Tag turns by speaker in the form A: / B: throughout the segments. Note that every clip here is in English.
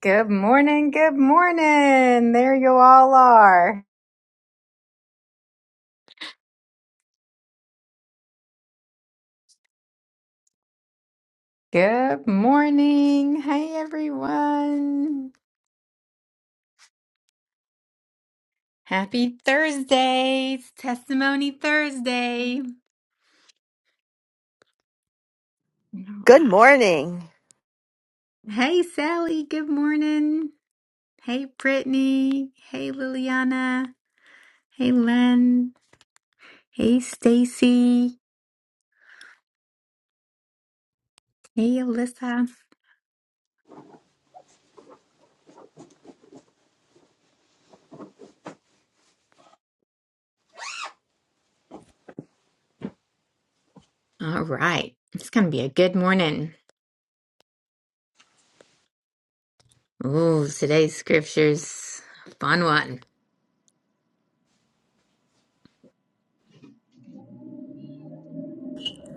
A: Good morning. Good morning. There you all are. Good morning. Hey, everyone. Happy Thursday. It's Testimony Thursday. All
B: Good
A: right.
B: morning.
A: Hey, Sally. Good morning. Hey, Brittany. Hey, Liliana. Hey, Len. Hey, Stacy. Hey, Alyssa. All right. It's going to be a good morning. Ooh, today's scripture's a fun one.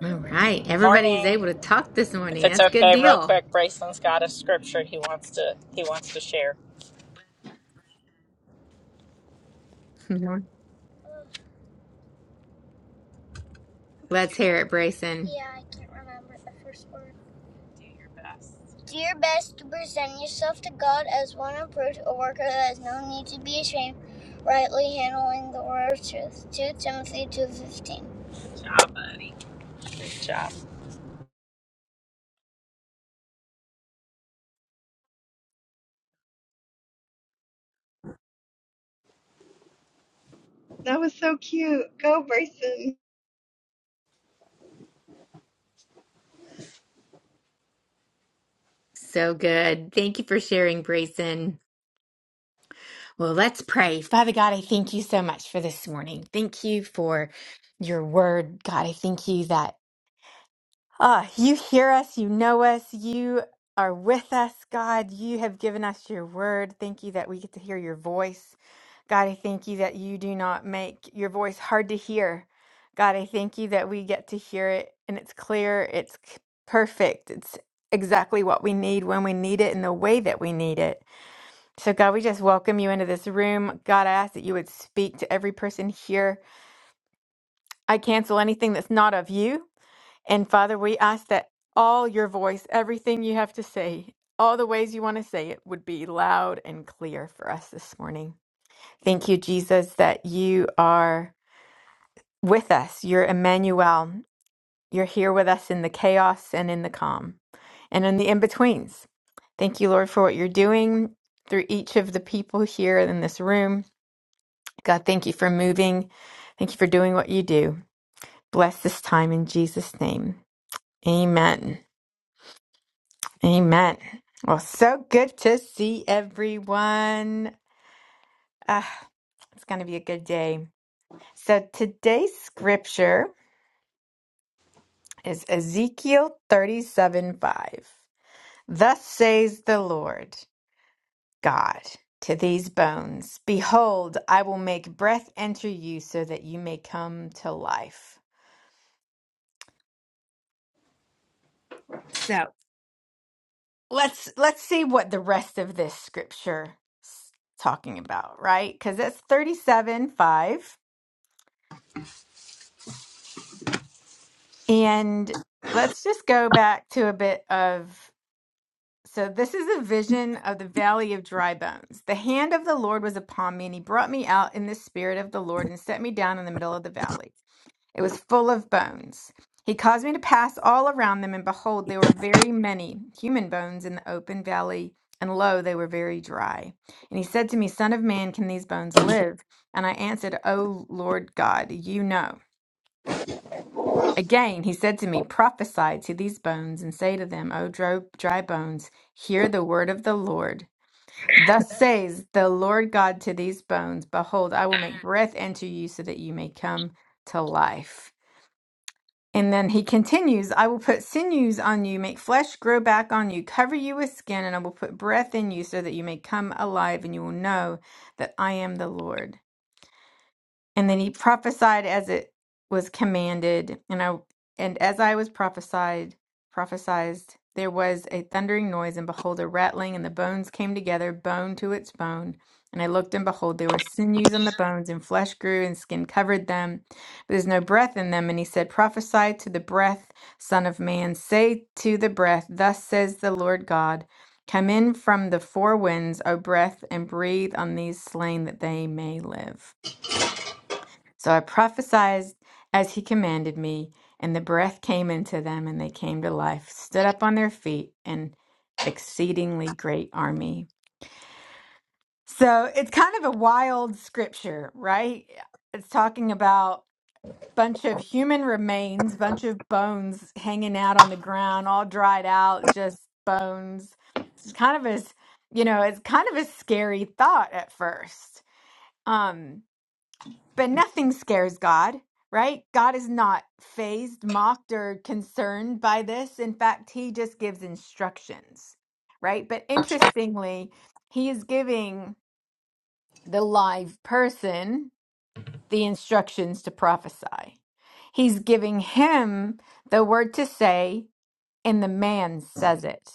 A: All right. Everybody's
C: Morning.
A: able to talk this
C: If
A: morning.
C: it's
A: That's a good
C: okay, real
A: deal.
C: quick, Brayson's got a scripture he wants to he wants to share.
A: Mhm. Let's
C: To
A: hear it,
C: Timothy.
A: Brayson.
C: Yeah, I can't remember the first word. Do your best. Do your best to present yourself to God as one approved, a worker that has no need to be ashamed, rightly handling the word of truth. Two Timothy two fifteen. Good job, buddy. Good job.
D: That was so cute. Go, Bryson.
A: So good. Thank you for sharing, Brayson. Well, let's pray. Father God, I thank you so much for this morning. Thank you for your word. God, I thank you that ah, you hear us, you know us, you are with us, God. You have given us your word. Thank you that we get to hear your voice. God, I thank you that you do not make your voice hard to hear. God, I thank you that we get to hear it and it's clear, it's c- perfect, it's exactly what we need when we need it and the way that we need it. So, God, we just welcome you into this room. God, I ask that you would speak to every person here. I cancel anything that's not of you. And Father, we ask that all your voice, everything you have to say, all the ways you want to say it would be loud and clear for us this morning. Thank you, Jesus, that you are with us. You're Emmanuel. You're here with us in the chaos and in the calm and in the in betweens. Thank you, Lord, for what you're doing through each of the people here in this room. God, thank you for moving. Thank you for doing what you do. Bless this time in Jesus' name. Amen. Amen. Well, so good to see everyone. Ah, it's going to be a good day. So today's scripture. is Ezekiel 37 5. Thus says the Lord God to these bones Behold, I will make breath enter you so that you may come to life. So let's let's see what the rest of this scripture is talking about, right? Because that's 37 5. And let's just go back to a bit of So this is a vision of the valley of dry bones. The hand of the Lord was upon me, and he brought me out in the spirit of the Lord and set me down in the middle of the valley. It was full of bones. He caused me to pass all around them, and behold, there were very many human bones in the open valley, and lo, they were very dry. And he said to me, Son of man, can these bones live? And I answered, O Lord God, you know. Again, he said to me, Prophesy to these bones, and say to them, O dro- dry bones, hear the word of the Lord. Thus says the Lord God to these bones Behold, I will make breath into you so that you may come to life. And then he continues, I will put sinews on you, make flesh grow back on you, cover you with skin, and I will put breath in you so that you may come alive, and you will know that I am the Lord. And then he prophesied as it was commanded, and I and as I was prophesied prophesized, there was a thundering noise, and behold a rattling, and the bones came together, bone to its bone. And I looked, and behold, there were sinews on the bones, and flesh grew, and skin covered them, but there's no breath in them. And he said, Prophesy to the breath, Son of Man, say to the breath, Thus says the Lord God, Come in from the four winds, O breath, and breathe on these slain that they may live. So I prophesied as he commanded me, and the breath came into them, and they came to life, stood up on their feet, an exceedingly great army. So it's kind of a wild scripture, right? It's talking about bunch of human remains, bunch of bones hanging out on the ground, all dried out, just bones. It's kind of a, you know, it's kind of a scary thought at first. Um, but nothing scares God, right? God is not phased, mocked, or concerned by this. In fact, he just gives instructions, right? But interestingly, he is giving the live person the instructions to prophesy. He's giving him the word to say, and the man says it.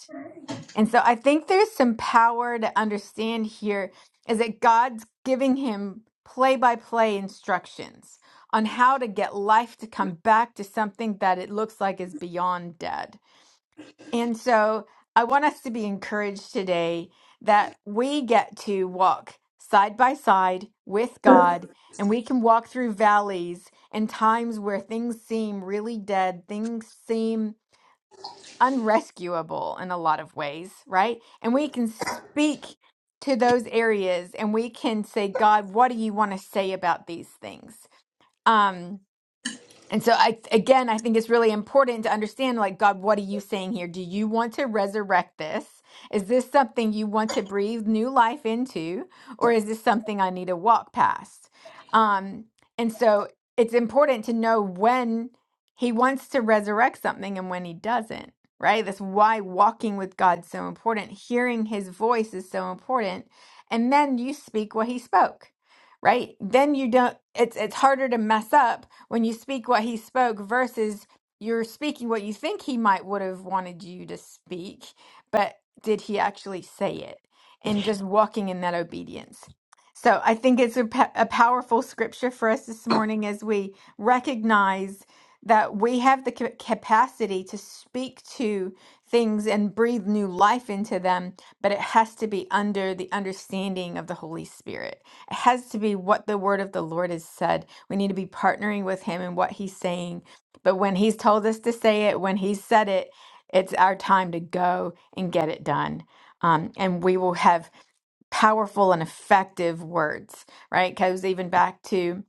A: And so I think there's some power to understand here is that God's giving him play by play instructions on how to get life to come back to something that it looks like is beyond dead. And so I want us to be encouraged today that we get to walk side by side with God and we can walk through valleys and times where things seem really dead, things seem unrescuable in a lot of ways, right? And we can speak to those areas and we can say, God, what do you want to say about these things? Um, and so I again I think it's really important to understand like God what are you saying here? Do you want to resurrect this? Is this something you want to breathe new life into or is this something I need to walk past? Um and so it's important to know when he wants to resurrect something and when he doesn't, right? That's why walking with God's so important. Hearing his voice is so important. And then you speak what he spoke, right? Then you don't it's it's harder to mess up when you speak what he spoke versus you're speaking what you think he might would have wanted you to speak, but did he actually say it? And just walking in that obedience. So I think it's a, pa- a powerful scripture for us this morning as we recognize that we have the ca- capacity to speak to things and breathe new life into them, but it has to be under the understanding of the Holy Spirit. It has to be what the word of the Lord has said we need to be partnering with him in what he's saying. But when he's told us to say it, when he's said it, it's our time to go and get it done. Um, and we will have powerful and effective words, right? Goes even back to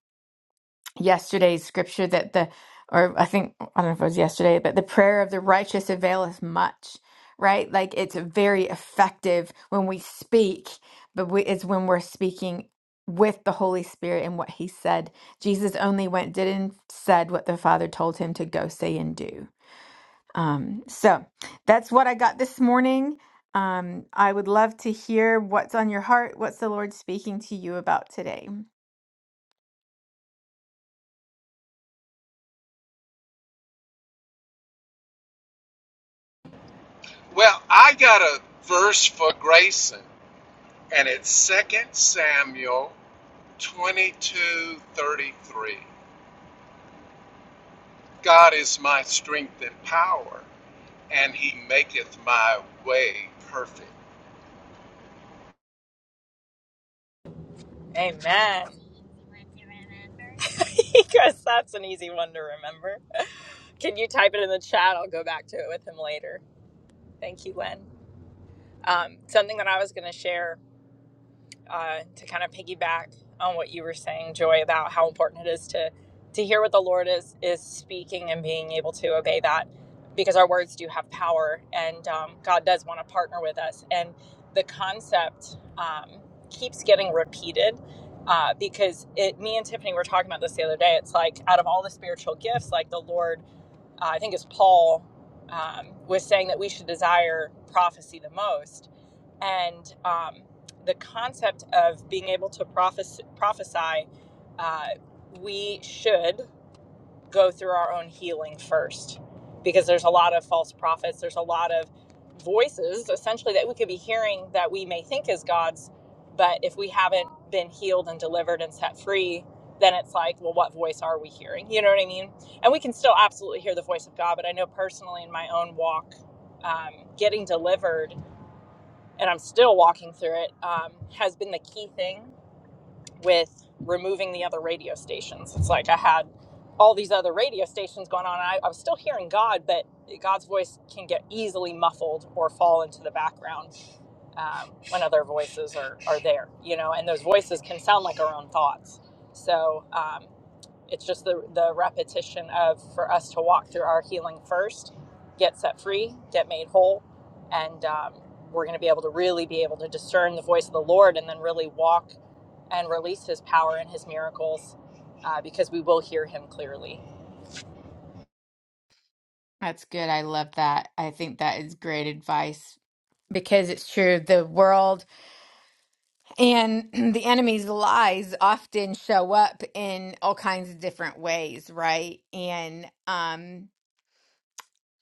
A: yesterday's scripture that the or I think I don't know if it was yesterday, but the prayer of the righteous availeth much, right? Like it's very effective when we speak, but we, it's when we're speaking with the Holy Spirit and what He said. Jesus only went, did and said what the Father told him to go say and do. Um, so that's what I got this morning. Um, I would love to hear what's on your heart. What's the Lord speaking to you about today?
E: Well, I got a verse for Grayson, and it's Second Samuel twenty-two thirty-three. God is my strength and power, and he maketh my way perfect.
C: Amen. Because that's an easy one to remember. Can you type it in the chat? I'll go back to it with him later. Thank you, Len. Um, something that I was going to share uh, to kind of piggyback on what you were saying, Joy, about how important it is to to hear what the Lord is is speaking and being able to obey that, because our words do have power, and um, God does want to partner with us. And the concept um, keeps getting repeated uh, because it. Me and Tiffany were talking about this the other day. It's like out of all the spiritual gifts, like the Lord, uh, I think it's Paul um, was saying that we should desire prophecy the most and um, the concept of being able to prophes- prophesy, uh, we should go through our own healing first because there's a lot of false prophets. There's a lot of voices essentially that we could be hearing that we may think is God's, but if we haven't been healed and delivered and set free, then it's like, well, what voice are we hearing? You know what I mean? And we can still absolutely hear the voice of God, but I know personally in my own walk, um, getting delivered and I'm still walking through it, um, has been the key thing with removing the other radio stations. It's like I had all these other radio stations going on. And I, I was still hearing God, but God's voice can get easily muffled or fall into the background um, when other voices are, are there, you know, and those voices can sound like our own thoughts. So um, it's just the, the repetition of for us to walk through our healing first, get set free, get made whole, and um, we're going to be able to really be able to discern the voice of the Lord and then really walk and release His power and His miracles uh, because we will hear Him clearly.
A: That's good. I love that. I think that is great advice because it's true. The world and the enemy's lies often show up in all kinds of different ways, right? And, um,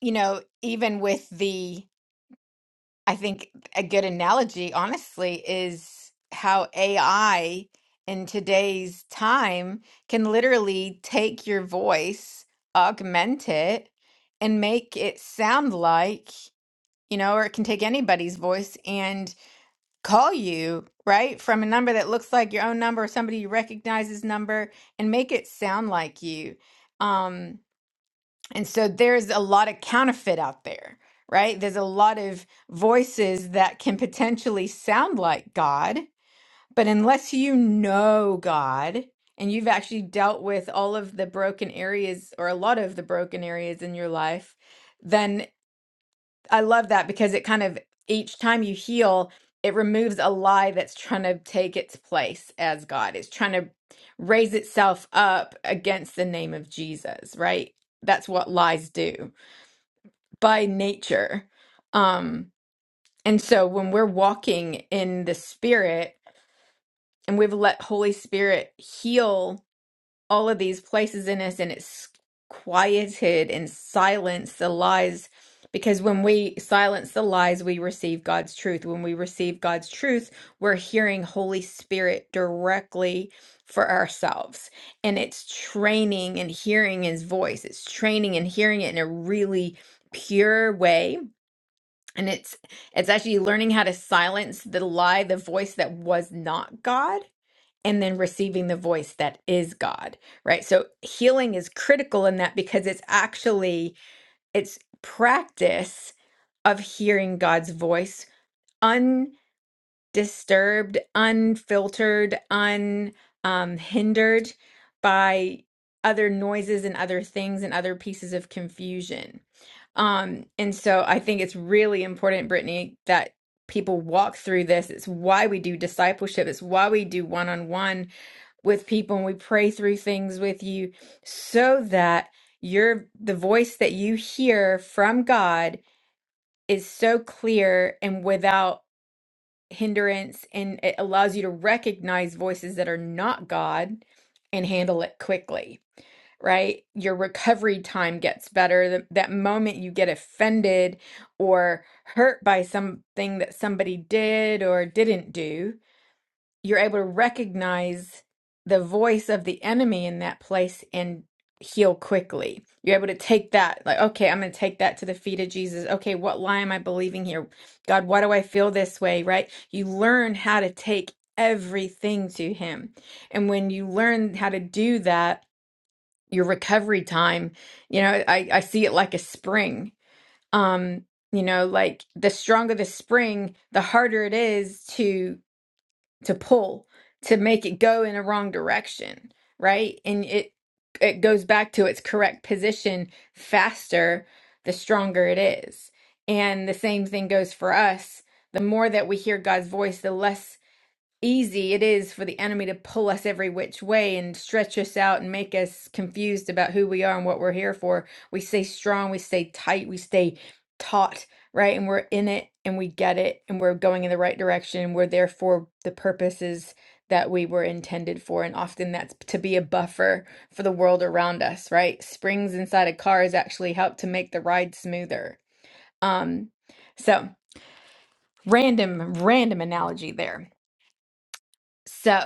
A: you know, even with the, I think a good analogy, honestly, is how AI in today's time can literally take your voice, augment it, and make it sound like you know, or it can take anybody's voice and call you, right? From a number that looks like your own number or somebody you recognizes number and make it sound like you. Um, and so there's a lot of counterfeit out there, right? There's a lot of voices that can potentially sound like God, but unless you know God and you've actually dealt with all of the broken areas or a lot of the broken areas in your life, then. I love that because it kind of each time you heal, it removes a lie that's trying to take its place as God. It's trying to raise itself up against the name of Jesus, right? That's what lies do by nature. Um, and so when we're walking in the spirit and we've let Holy Spirit heal all of these places in us and it's quieted and silenced the lies because when we silence the lies we receive God's truth when we receive God's truth we're hearing holy spirit directly for ourselves and it's training and hearing his voice it's training and hearing it in a really pure way and it's it's actually learning how to silence the lie the voice that was not God and then receiving the voice that is God, right? So healing is critical in that because it's actually it's practice of hearing God's voice undisturbed, unfiltered, unhindered um, hindered by other noises and other things and other pieces of confusion. Um, and so I think it's really important, Brittany, that people walk through this. It's why we do discipleship. It's why we do one on one with people and we pray through things with you so that your the voice that you hear from God is so clear and without hindrance and it allows you to recognize voices that are not God and handle it quickly right your recovery time gets better Th- that moment you get offended or hurt by something that somebody did or didn't do you're able to recognize the voice of the enemy in that place and heal quickly. You're able to take that, like, okay, I'm going to take that to the feet of Jesus. Okay, what lie am I believing here? God, why do I feel this way, right? You learn how to take everything to Him. And when you learn how to do that, your recovery time, you know, I, I see it like a spring. Um, you know, like the stronger the spring, the harder it is to to pull to make it go in a wrong direction, right? And it it goes back to its correct position faster the stronger it is. And the same thing goes for us. The more that we hear God's voice, the less easy it is for the enemy to pull us every which way and stretch us out and make us confused about who we are and what we're here for. We stay strong, we stay tight, we stay taut, right? And we're in it and we get it and we're going in the right direction. and We're there for the purposes that we were intended for. And often that's to be a buffer for the world around us, right? Springs inside a car has actually helped to make the ride smoother. Um, so random, random analogy there so,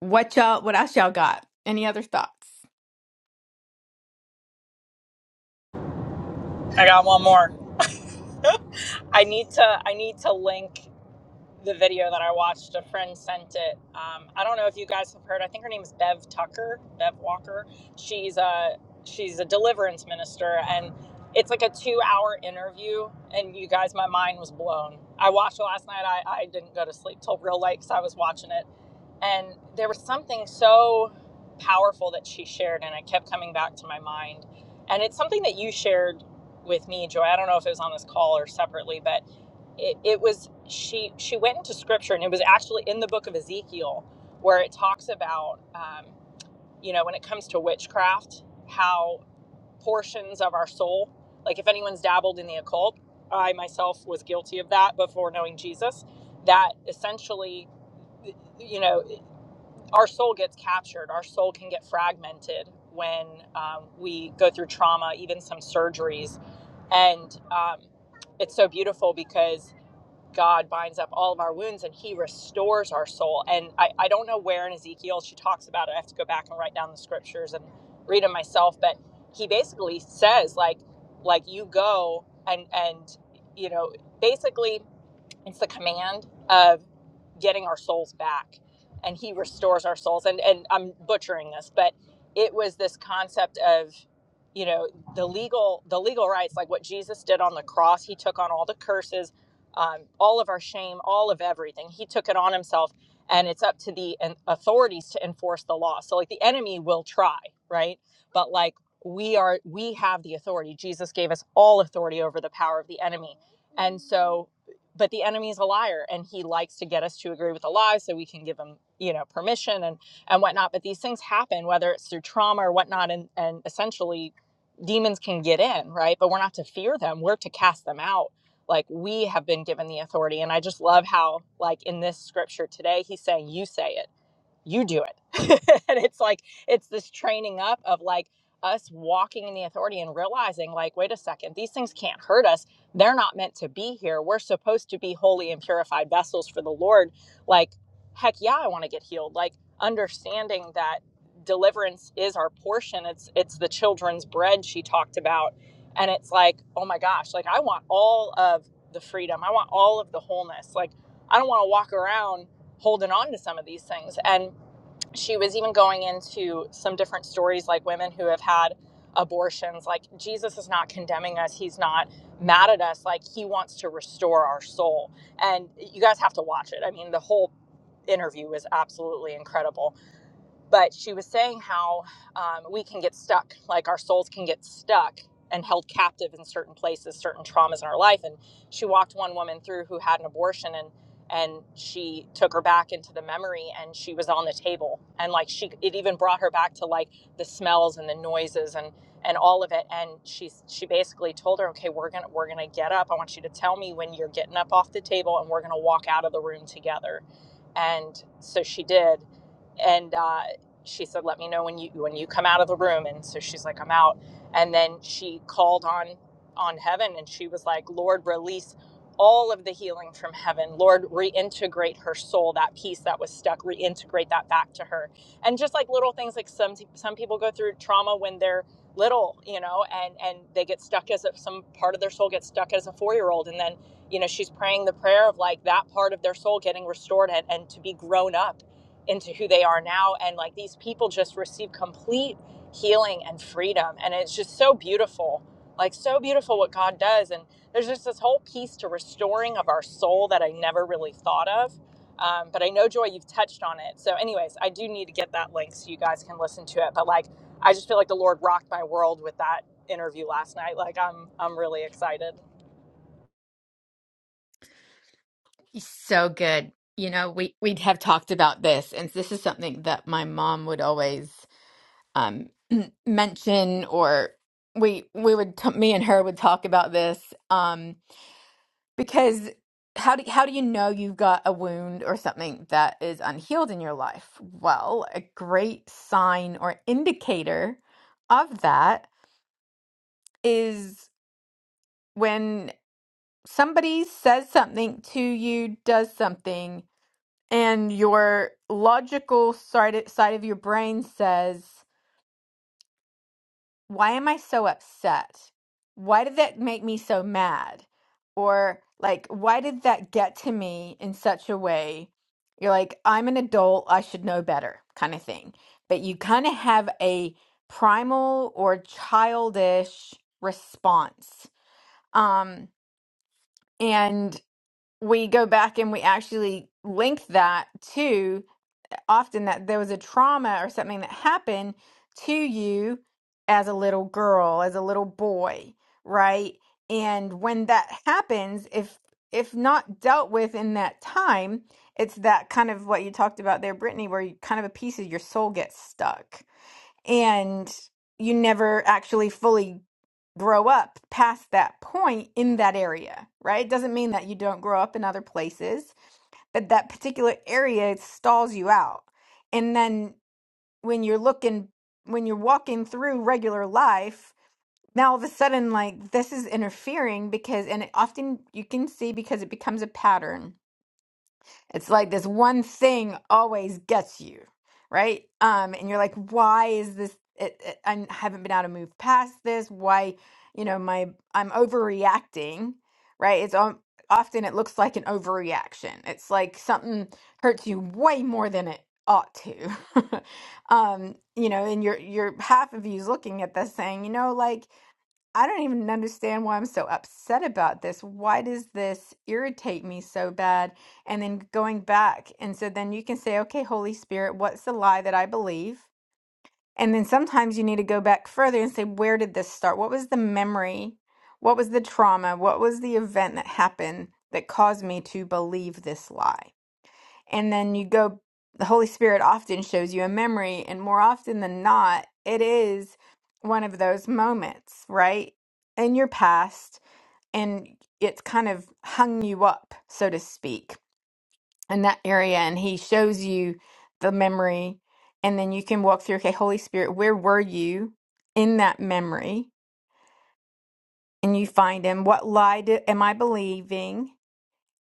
A: what y'all, what else y'all got? Any other thoughts?
C: I got one more. I need to I need to link. the video that I watched. A friend sent it. Um, I don't know if you guys have heard. I think her name is Bev Tucker, Bev Walker. She's a she's a deliverance minister, and it's like a two hour interview. And you guys, my mind was blown. I watched it last night. I, I didn't go to sleep till real late because I was watching it and there was something so powerful that she shared, and it kept coming back to my mind. And it's something that you shared with me, Joy. I don't know if it was on this call or separately, but it, it was she she went into scripture, and it was actually in the book of Ezekiel where it talks about um, you know when it comes to witchcraft, how portions of our soul, like if anyone's dabbled in the occult, I myself was guilty of that before knowing Jesus. That essentially you know our soul gets captured. Our soul can get fragmented when um, we go through trauma, even some surgeries. And um, it's so beautiful because God binds up all of our wounds and He restores our soul. And I, I don't know where in Ezekiel she talks about it. I have to go back and write down the scriptures and read them myself. But He basically says, like, like you go and and you know, basically it's the command of getting our souls back and he restores our souls and and i'm butchering this but it was this concept of you know the legal the legal rights like what jesus did on the cross he took on all the curses um, all of our shame all of everything he took it on himself and it's up to the an- authorities to enforce the law so like the enemy will try right but like we are we have the authority jesus gave us all authority over the power of the enemy and so but the enemy's a liar and he likes to get us to agree with a lie so we can give him you know permission and and whatnot but these things happen whether it's through trauma or whatnot and and essentially demons can get in right but we're not to fear them we're to cast them out like we have been given the authority and i just love how like in this scripture today he's saying you say it you do it. and it's like, it's this training up of like us walking in the authority and realizing, like, wait a second, these things can't hurt us. They're not meant to be here. We're supposed to be holy and purified vessels for the Lord. Like, heck yeah, I want to get healed. Like, understanding that deliverance is our portion. It's it's the children's bread she talked about. And it's like, oh my gosh, like I want all of the freedom. I want all of the wholeness. Like I don't want to walk around holding on to some of these things. And she was even going into some different stories like women who have had abortions like jesus is not condemning us he's not mad at us like he wants to restore our soul and you guys have to watch it i mean the whole interview was absolutely incredible but she was saying how um, we can get stuck like our souls can get stuck and held captive in certain places certain traumas in our life and she walked one woman through who had an abortion and and she took her back into the memory and she was on the table and like she it even brought her back to like the smells and the noises and and all of it and she she basically told her okay we're gonna we're gonna get up i want you to tell me when you're getting up off the table and we're gonna walk out of the room together and so she did and uh, she said, "Let me know when you when you come out of the room." And so she's like, "I'm out." And then she called on on heaven, and she was like, "Lord, release all of the healing from heaven. Lord, reintegrate her soul, that piece that was stuck, reintegrate that back to her." And just like little things, like some some people go through trauma when they're little, you know, and and they get stuck as a, some part of their soul gets stuck as a four year old, and then you know she's praying the prayer of like that part of their soul getting restored and, and to be grown up into who they are now and like these people just receive complete healing and freedom and it's just so beautiful like so beautiful what god does and there's just this whole piece to restoring of our soul that i never really thought of um, but i know joy you've touched on it so anyways i do need to get that link so you guys can listen to it but like i just feel like the lord rocked my world with that interview last night like i'm i'm really excited
A: So good. You know, we we have talked about this, and this is something that my mom would always um, mention, or we we would t me and her would talk about this um, because how do how do you know you've got a wound or something that is unhealed in your life? Well, a great sign or indicator of that is. when. somebody says something to you, does something, and your logical side side of your brain says, Why am I so upset? Why did that make me so mad? Or, like, why did that get to me in such a way? You're like, I'm an adult, I should know better, kind of thing. But you kind of have a primal or childish response. Um, and we go back and we actually link that to often that there was a trauma or something that happened to you as a little girl, as a little boy, right? And when that happens, if if not dealt with in that time, it's that kind of what you talked about there, Brittany, where you, kind of a piece of your soul gets stuck and you never actually fully grow up past that point in that area, right? It doesn't mean that you don't grow up in other places, but that particular area stalls you out. And then when you're looking, when you're walking through regular life, now all of a sudden, like this is interfering because, and it often you can see because it becomes a pattern it's like this one thing always gets you, right? Um, and you're like, why is this? It, it, I haven't been able to move past this. Why, you know, my I'm overreacting, right? It's um, often it looks like an overreaction. It's like something hurts you way more than it ought to. um, you know, and your your half of you's looking at this saying, you know, like I don't even understand why I'm so upset about this. Why does this irritate me so bad? And then going back. And so then you can say, okay, Holy Spirit, what's the lie that I believe? And then sometimes you need to go back further and say, where did this start? What was the memory? What was the trauma? What was the event that happened that caused me to believe this lie? and then you go the holy spirit often shows you a memory and more often than not it is one of those moments right in your past and it's kind of hung you up so to speak in that area and he shows you the memory and then you can walk through okay holy spirit where were you in that memory and you find him what lie do, am i believing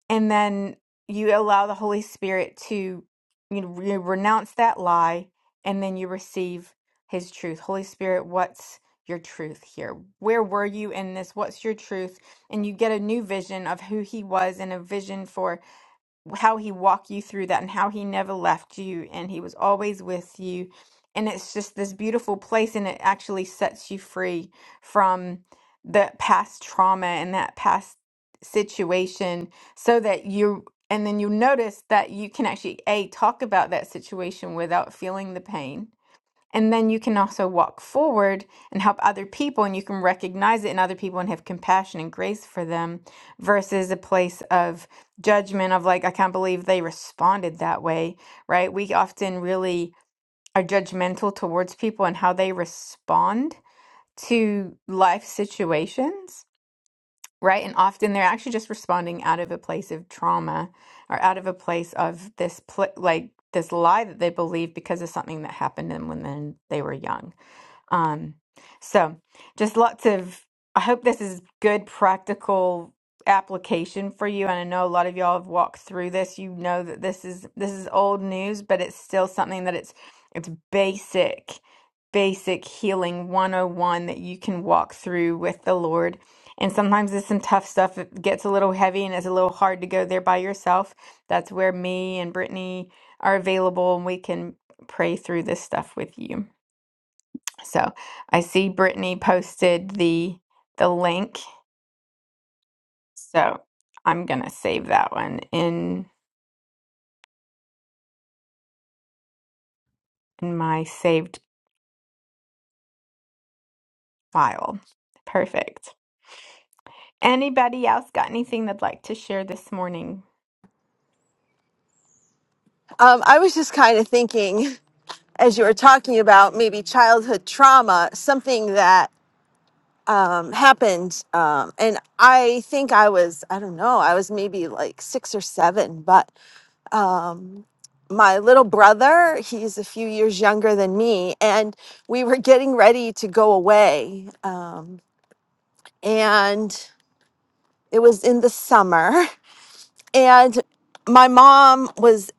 A: and then you allow the holy spirit to you, know, you renounce that lie and then you receive his truth holy spirit what's your truth here where were you in this what's your truth and you get a new vision of who he was and a vision for how he walked you through that and how he never left you and he was always with you and it's just this beautiful place and it actually sets you free from the past trauma and that past situation so that you and then you notice that you can actually a talk about that situation without feeling the pain and then you can also walk forward and help other people, and you can recognize it in other people and have compassion and grace for them versus a place of judgment of like, I can't believe they responded that way, right? We often really are judgmental towards people and how they respond to life situations, right? And often they're actually just responding out of a place of trauma or out of a place of this, pl- like, this lie that they believe because of something that happened to them when then they were young um, so just lots of, I hope this is good practical application for you. And I know a lot of y'all have walked through this. You know that this is this is old news, but it's still something that it's it's basic, basic healing 101 that you can walk through with the Lord. And sometimes there's some tough stuff. It gets a little heavy and it's a little hard to go there by yourself. That's where me and Brittany are available and we can pray through this stuff with you. So I see Brittany posted the the link. So I'm gonna save that one in in my saved file. Perfect. Anybody else got anything they'd like to share this morning?
B: Um, I was just kind of thinking, as you were talking about maybe childhood trauma, something that um, happened. Um, and I think I was, I don't know, I was maybe like six or seven, but my little brother, he's a few years younger than me, and we were getting ready to go away. Uh, and it was in the summer. And my mom was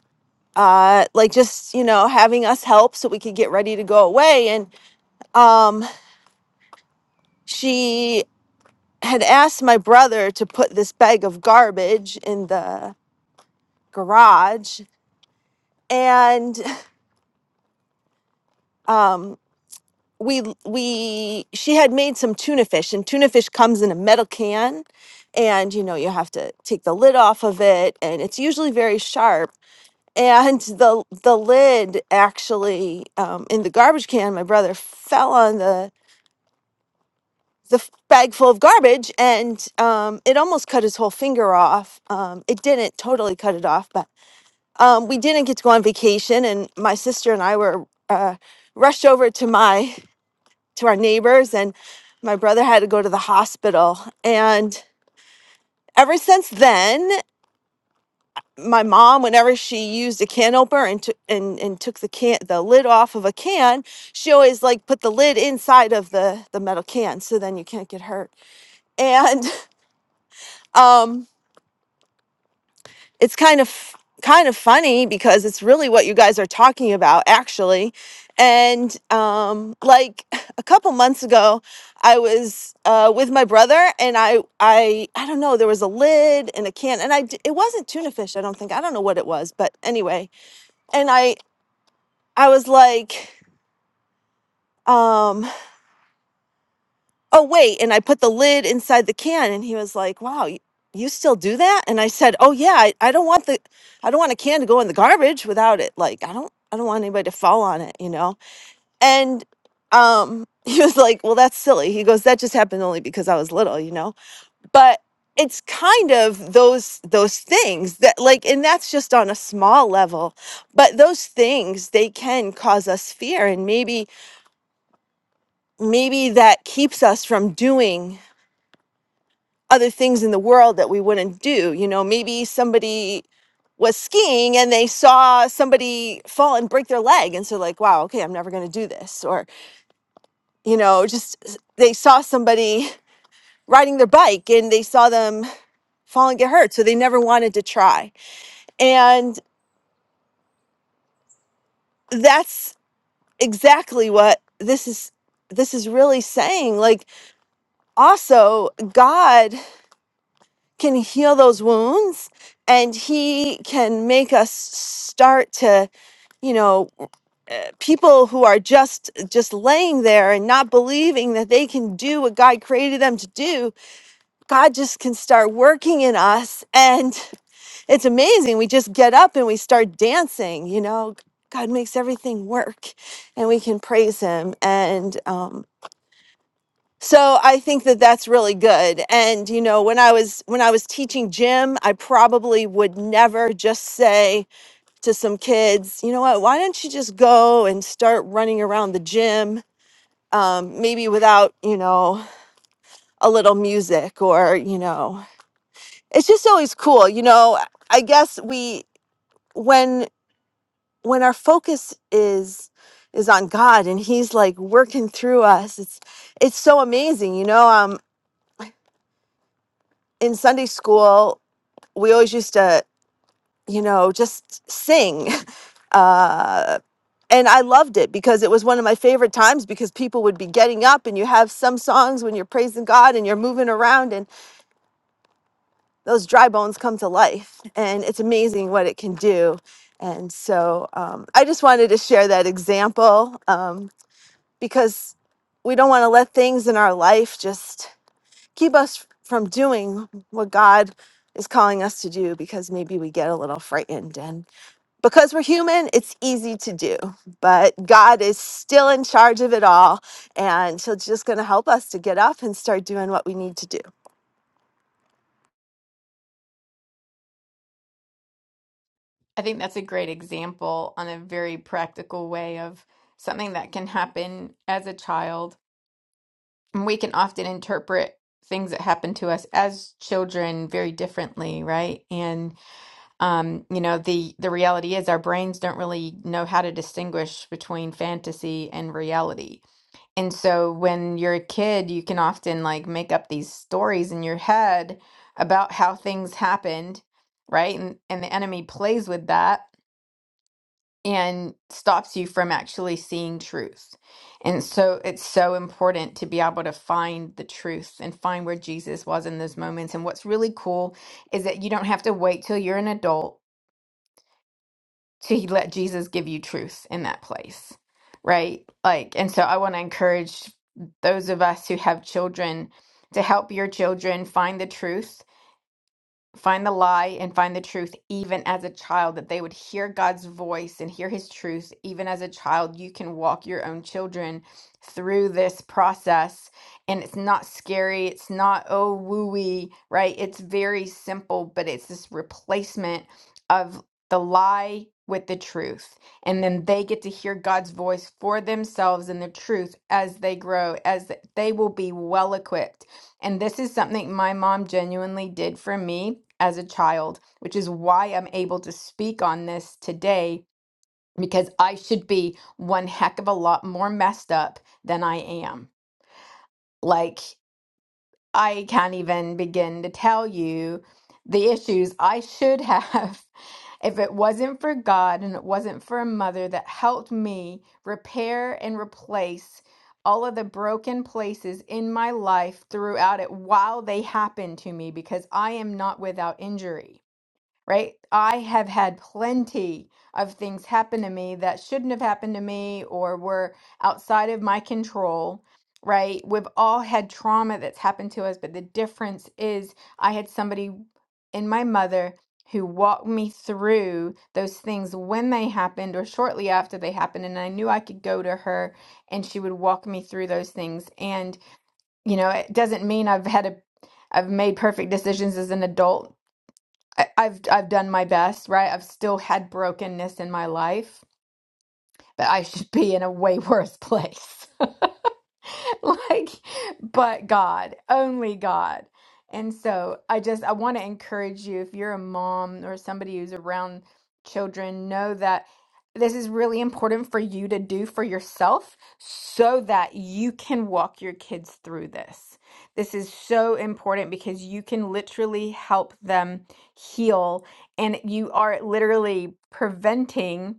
B: uh like just you know having us help so we could get ready to go away and. um she had asked my brother to put this bag of garbage in the garage and um we we she had made some tuna fish and tuna fish comes in a metal can and you know you have to take the lid off of it and it's usually very sharp and the the lid actually um, in the garbage can my brother fell on the the f- bag full of garbage and um, it almost cut his whole finger off. Um, it didn't totally cut it off, but um, we didn't get to go on vacation. And my sister and I were uh, rushed over to my to our neighbors, and my brother had to go to the hospital. And ever since then, my mom, whenever she used a can opener and took and, and took the can the lid off of a can, she always like put the lid inside of the the metal can, so then you can't get hurt. And um it's kind of kind of funny because it's really what you guys are talking about actually and um like a couple months ago i was uh with my brother and i i i don't know there was a lid and a can and i d- it wasn't tuna fish i don't think i don't know what it was but anyway and i i was like um oh wait and i put the lid inside the can and he was like wow you, you still do that and i said oh yeah I, I don't want the i don't want a can to go in the garbage without it like i don't i don't want anybody to fall on it you know and um he was like well that's silly he goes that just happened only because i was little you know but it's kind of those those things that like and that's just on a small level but those things they can cause us fear and maybe maybe that keeps us from doing other things in the world that we wouldn't do. You know, maybe somebody was skiing and they saw somebody fall and break their leg. And so, like, wow, okay, I'm never going to do this. Or, you know, just s- they saw somebody riding their bike and they saw them fall and get hurt. So they never wanted to try. And that's exactly what this is. This is really saying, like, also, God can heal those wounds and He can make us start to you know uh, people who are just just laying there and not believing that they can do what god created them to do god just can start working in us and it's amazing we just get up and we start dancing you know god makes everything work and we can praise him and um so i think that that's really good and you know when i was when i was teaching gym i probably would never just say to some kids, you know what, why don't you just go and start running around the gym? Um, maybe without, you know, a little music or, you know, it's just always cool. You know, I guess we, when, when our focus is, is on God and he's like working through us, it's, it's so amazing. You know, um, in Sunday school, we always used to, you know, just sing. Uh, and I loved it because it was one of my favorite times because people would be getting up and you have some songs when you're praising God and you're moving around and those dry bones come to life and it's amazing what it can do. And so um, I just wanted to share that example um, because we don't want to let things in our life just keep us from doing what God is calling us to do because maybe we get a little frightened and because we're human, it's easy to do, but God is still in charge of it all. And He's just going to help us to get up and start doing what we need to do.
A: I think that's a great example on a very practical way of something that can happen as a child. And we can often interpret things that happen to us as children very differently, right? And um, you know, the the reality is our brains don't really know how to distinguish between fantasy and reality. And so when you're a kid, you can often like make up these stories in your head about how things happened, right? And and the enemy plays with that and stops you from actually seeing truth. And so it's so important to be able to find the truth and find where Jesus was in those moments. And what's really cool is that you don't have to wait till you're an adult to let Jesus give you truth in that place, right? Like, and so I want to encourage those of us who have children to help your children find the truth find the lie and find the truth even as a child that they would hear God's voice and hear his truth even as a child you can walk your own children through this process and it's not scary it's not oh wooey right it's very simple but it's this replacement of the lie with the truth and then they get to hear God's voice for themselves and the truth as they grow as they will be well equipped and this is something my mom genuinely did for me as a child, which is why I'm able to speak on this today because I should be one heck of a lot more messed up than I am. Like, I can't even begin to tell you the issues I should have if it wasn't for God and it wasn't for a mother that helped me repair and replace all of the broken places in my life throughout it while they happened to me because I am not without injury right? I have had plenty of things happen to me that shouldn't have happened to me or were outside of my control, right? We've all had trauma that's happened to us, but the difference is I had somebody in my mother who walked me through those things when they happened or shortly after they happened and I knew I could go to her and she would walk me through those things and you know it doesn't mean I've had a I've made perfect decisions as an adult I, I've I've done my best, right? I've still had brokenness in my life, but I should be in a way worse place. like but God, only God. And so I just I want to encourage you if you're a mom or somebody who's around children, know that this is really important for you to do for yourself so that you can walk your kids through this. This is so important because you can literally help them heal and you are literally preventing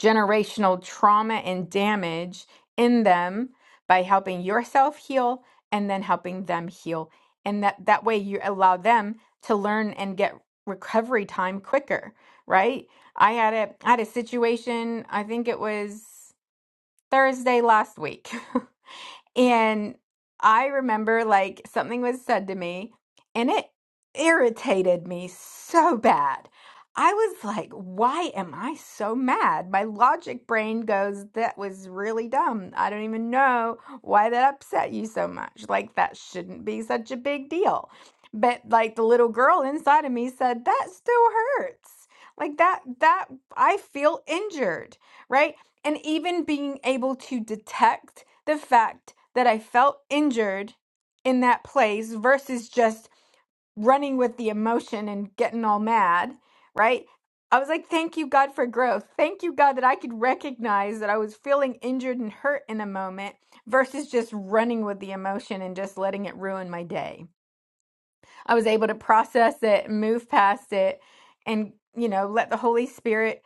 A: generational trauma and damage in them by helping yourself heal and then helping them heal and that that way you allow them to learn and get recovery time quicker right i had a I had a situation i think it was thursday last week And I remember like something was said to me and it irritated me so bad. I was like, why am I so mad? My logic brain goes, that was really dumb. I don't even know why that upset you so much. Like, that shouldn't be such a big deal. But like the little girl inside of me said, that still hurts. Like that, that I feel injured, right? and even being able to detect the fact that I felt injured in that place versus just running with the emotion and getting all mad, right? I was like, thank you, God, for growth. Thank you, God, that I could recognize that I was feeling injured and hurt in a moment versus just running with the emotion and just letting it ruin my day. I was able to process it, move past it, and, you know, let the Holy Spirit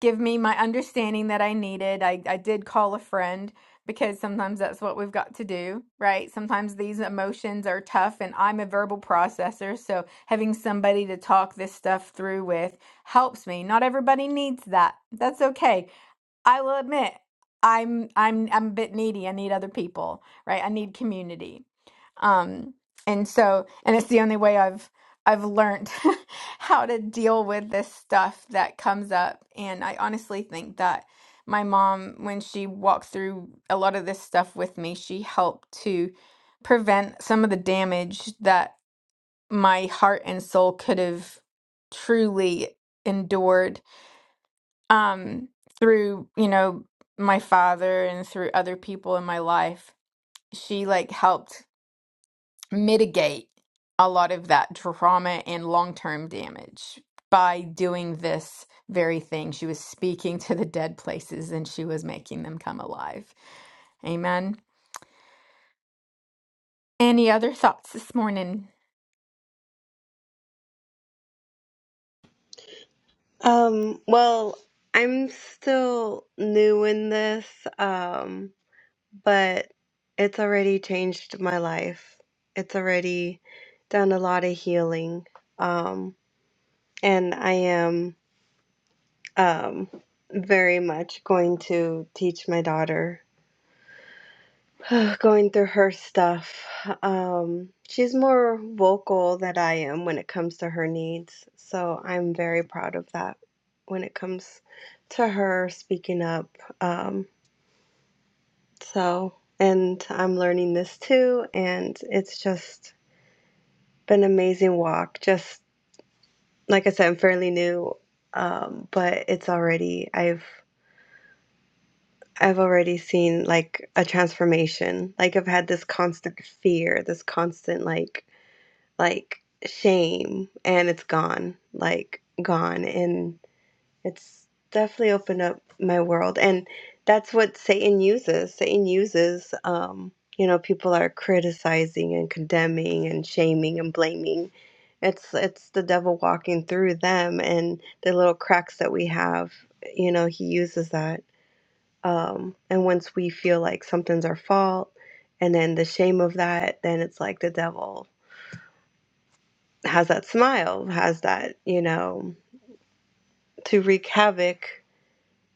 A: give me my understanding that I needed. I, I did call a friend because sometimes that's what we've got to do, right? Sometimes these emotions are tough, and I'm a verbal processor. So having somebody to talk this stuff through with helps me. Not everybody needs that. That's okay. I will admit. I'm I'm I'm a bit needy. I need other people, right? I need community um and so and it's the only way i've i've learned how to deal with this stuff that comes up and i honestly think that my mom when she walked through a lot of this stuff with me she helped to prevent some of the damage that my heart and soul could have truly endured um through you know my father and through other people in my life she like helped mitigate a lot of that trauma and long term damage by doing this very thing. She was speaking to the dead places and she was making them come alive. Amen. Any other thoughts this morning?
D: Um, well, I'm still new in this, um, but it's already changed my life. It's already done a lot of healing. Um, and I am um very much going to teach my daughter going through her stuff. Um, she's more vocal than I am when it comes to her needs. So I'm very proud of that when it comes to her speaking up. Um, so, and I'm learning this too. And it's just been an amazing walk. Just like I said, I'm fairly new, um, but it's already, I've, I've already seen like a transformation. Like I've had this constant fear, this constant like like shame and it's gone like gone and it's definitely opened up my world and that's what satan uses satan uses um you know people are criticizing and condemning and shaming and blaming it's it's the devil walking through them and the little cracks that we have you know he uses that um and once we feel like something's our fault and then the shame of that then it's like the devil has that smile, has that, you know, to wreak havoc.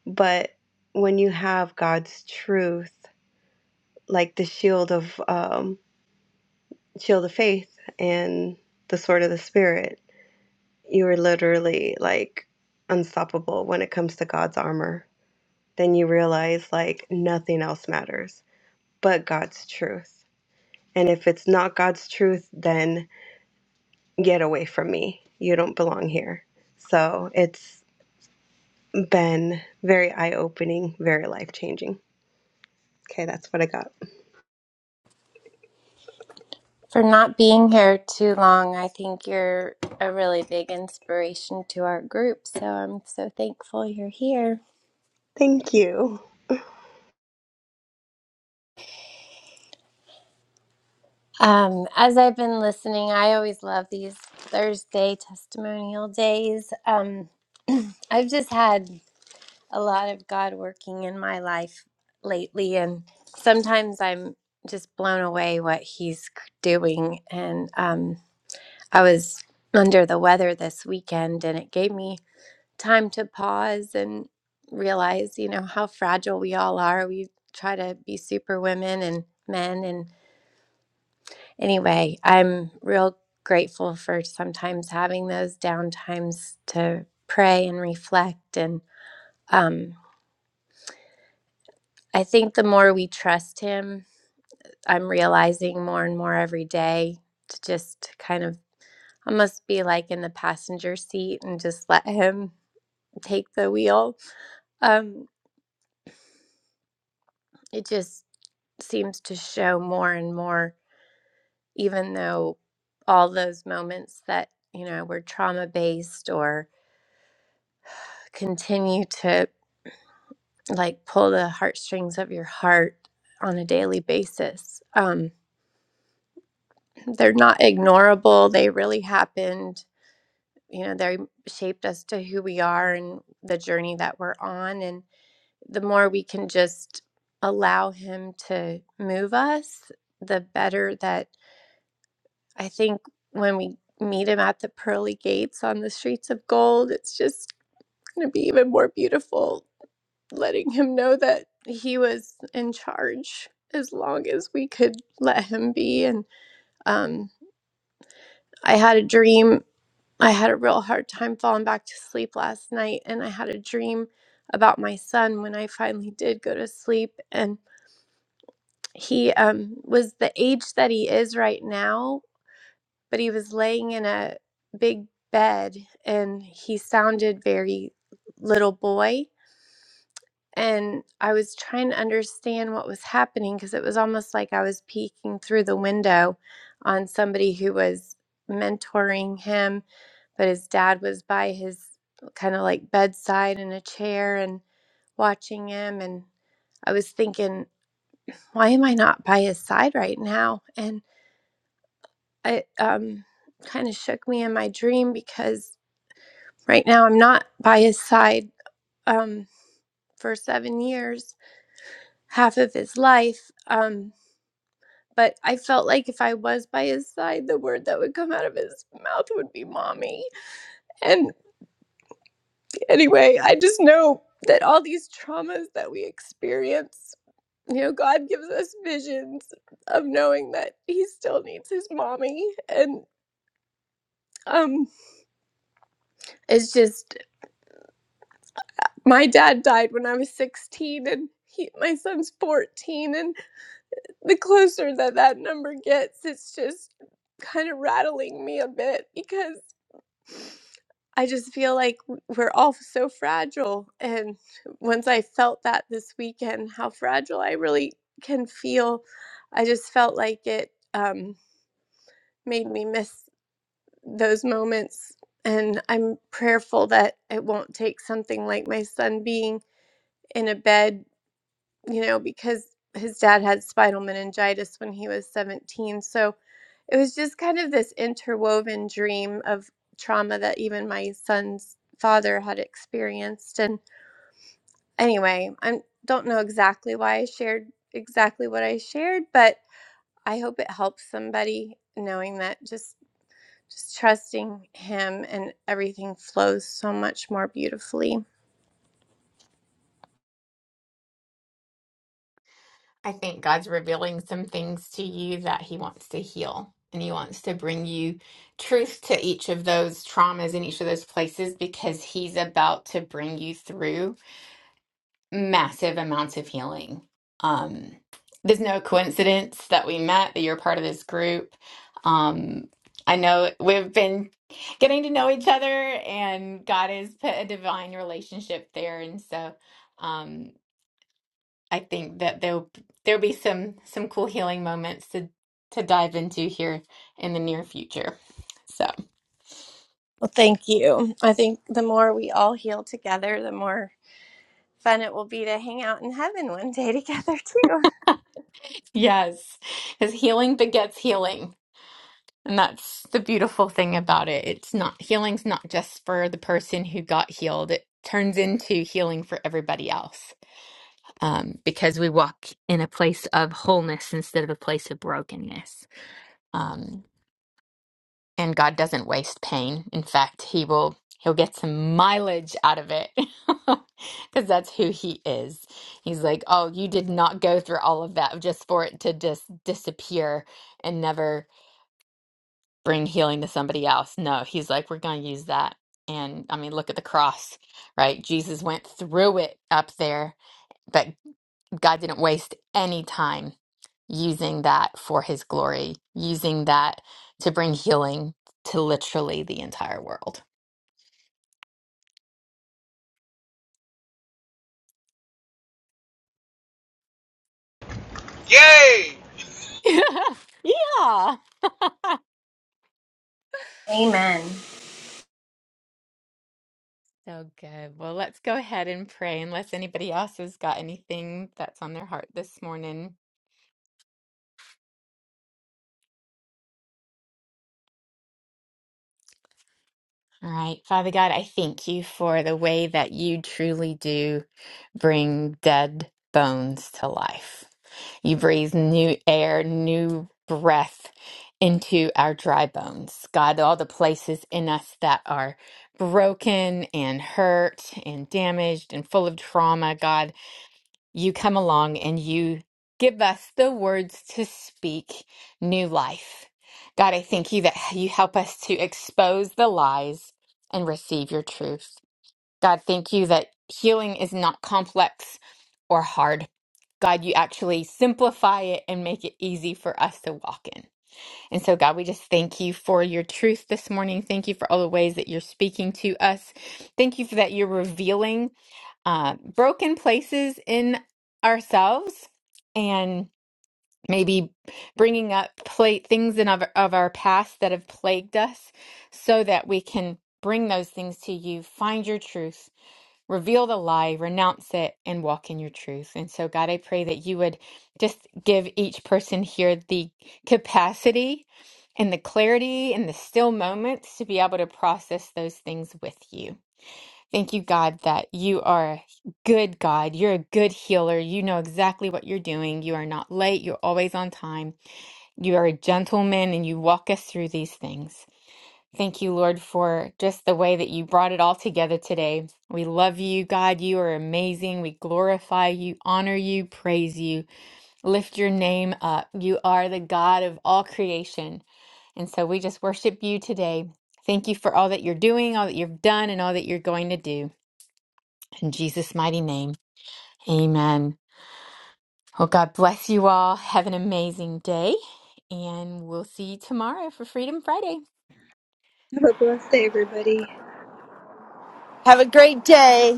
D: But when you have God's truth, like the shield of um, shield of faith and the sword of the spirit, you are literally like unstoppable when it comes to God's armor. Then you realize like nothing else matters but God's truth. And if it's not God's truth, then get away from me. You don't belong here. So it's been very eye opening, very life changing. Okay, that's what I got.
F: for not being here too long. I think you're a really big inspiration to our group, so I'm so thankful you're here.
D: Thank you.
F: Um, as I've been listening, I always love these Thursday testimonial days. Um, I've just had a lot of God working in my life lately, and sometimes I'm just blown away what He's c- doing. And um, I was under the weather this weekend, and it gave me time to pause and realize, you know, how fragile we all are. We try to be super women and men. And anyway, I'm real grateful for sometimes having those down times to pray and reflect. And um, I think the more we trust Him, I'm realizing more and more every day to just kind of almost be like in the passenger seat and just let Him take the wheel. Um, it just seems to show more and more, even though all those moments that, you know, were trauma based or continue to like pull the heartstrings of your heart on a daily basis. Um, they're not ignorable. They really happened. You know, they shaped us to who we are and the journey that we're on. And the more we can just allow Him to move us, the better that I think when we meet him at the pearly gates on the streets of gold, it's just going to be even more beautiful letting him know that he was in charge as long as we could let him be. And um, I had a dream. I had a real hard time falling back to sleep last night, and I had a dream about my son when I finally did go to sleep. And he um, was the age that he is right now but he was laying in a big bed and he sounded very little boy. And I was trying to understand what was happening because it was almost like I was peeking through the window on somebody who was mentoring him, but his dad was by his kind of like bedside in a chair and watching him. And I was thinking, why am I not by his side right now? And it um, kind of shook me in my dream because Right now, I'm not by his side um, for seven years, half of his life. Um, but I felt like if I was by his side, the word that would come out of his mouth would be mommy. And anyway, I just know that all these traumas that we experience, you know, God gives us visions of knowing that he still needs his mommy. And um, it's just, my dad died when I was 16, and he, my son's 14. and the closer that that number gets, it's just kind of rattling me a bit because I just feel like we're all so fragile. And once I felt that this weekend, how fragile I really can feel, I just felt like it um, made me miss those moments. And I'm prayerful that it won't take something like my son being in a bed you know, because his dad had spinal meningitis when he was 17. So it was just kind of this interwoven dream of trauma that even my son's father had experienced. And anyway, I don't know exactly why I shared exactly what I shared, but I hope it helps somebody knowing that just just trusting him and everything flows so much more beautifully.
A: I think God's revealing some things to you that He wants to heal and He wants to bring you truth to each of those traumas in each of those places because He's about to bring you through massive amounts of healing. Um, there's no coincidence that we met, that you're part of this group. Um, I know we've been getting to know each other, and God has put a divine relationship there, and so um, I think that there'll there'll be some some cool healing moments to to dive into here in the near future. So
F: Well, thank you. I think the more we all heal together, the more fun it will be to hang out in heaven one day together too.
A: yes, because healing begets healing. And that's the beautiful thing about it. It's not healing's not just for the person who got healed. It turns into healing for everybody else um, because we walk in a place of wholeness instead of a place of brokenness. Um, and God doesn't waste pain. In fact, He will He'll get some mileage out of it because that's who He is. He's like, oh, you did not go through all of that just for it to just disappear and never. bring healing to somebody else. No, he's like, we're going to use that. And I mean, look at the cross, right? Jesus went through it up there, but God didn't waste any time using that for his glory, using that to bring healing to literally the entire world.
E: Yay!
A: yeah.
F: Amen.
A: So good. Well, let's go ahead and pray unless anybody else has got anything that's on their heart this morning. All right, Father God, I thank you for the way that you truly do bring dead bones to life. You breathe new air, new breath into our dry bones. God, all the places in us that are broken and hurt and damaged and full of trauma, God you come along and you give us the words to speak new life. God, I thank you that you help us to expose the lies and receive your truth. God, thank you that healing is not complex or hard. God, you actually simplify it and make it easy for us to walk in. And so, God, we just thank you for your truth this morning. Thank you for all the ways that you're speaking to us. Thank you for that you're revealing uh, broken places in ourselves and maybe bringing up pla things in of, of our past that have plagued us so that we can bring those things to you find your truth reveal the lie renounce it and walk in your truth and so god i pray that you would just give each person here the capacity and the clarity and the still moments to be able to process those things with you Thank you, God, that you are a good God. You're a good healer. You know exactly what you're doing. You are not late. You're always on time. You are a gentleman and you walk us through these things. Thank you, Lord, for just the way that you brought it all together today. We love you, God. You are amazing. We glorify you, honor you, praise you, lift your name up. You are the God of all creation. And so we just worship you today. Thank you for all that you're doing, all that you've done, and all that you're going to do. In Jesus' mighty name, amen. Well, God bless you all. Have an amazing day, and we'll see you tomorrow for Freedom Friday.
D: Have a blessed day, everybody.
B: Have a great day.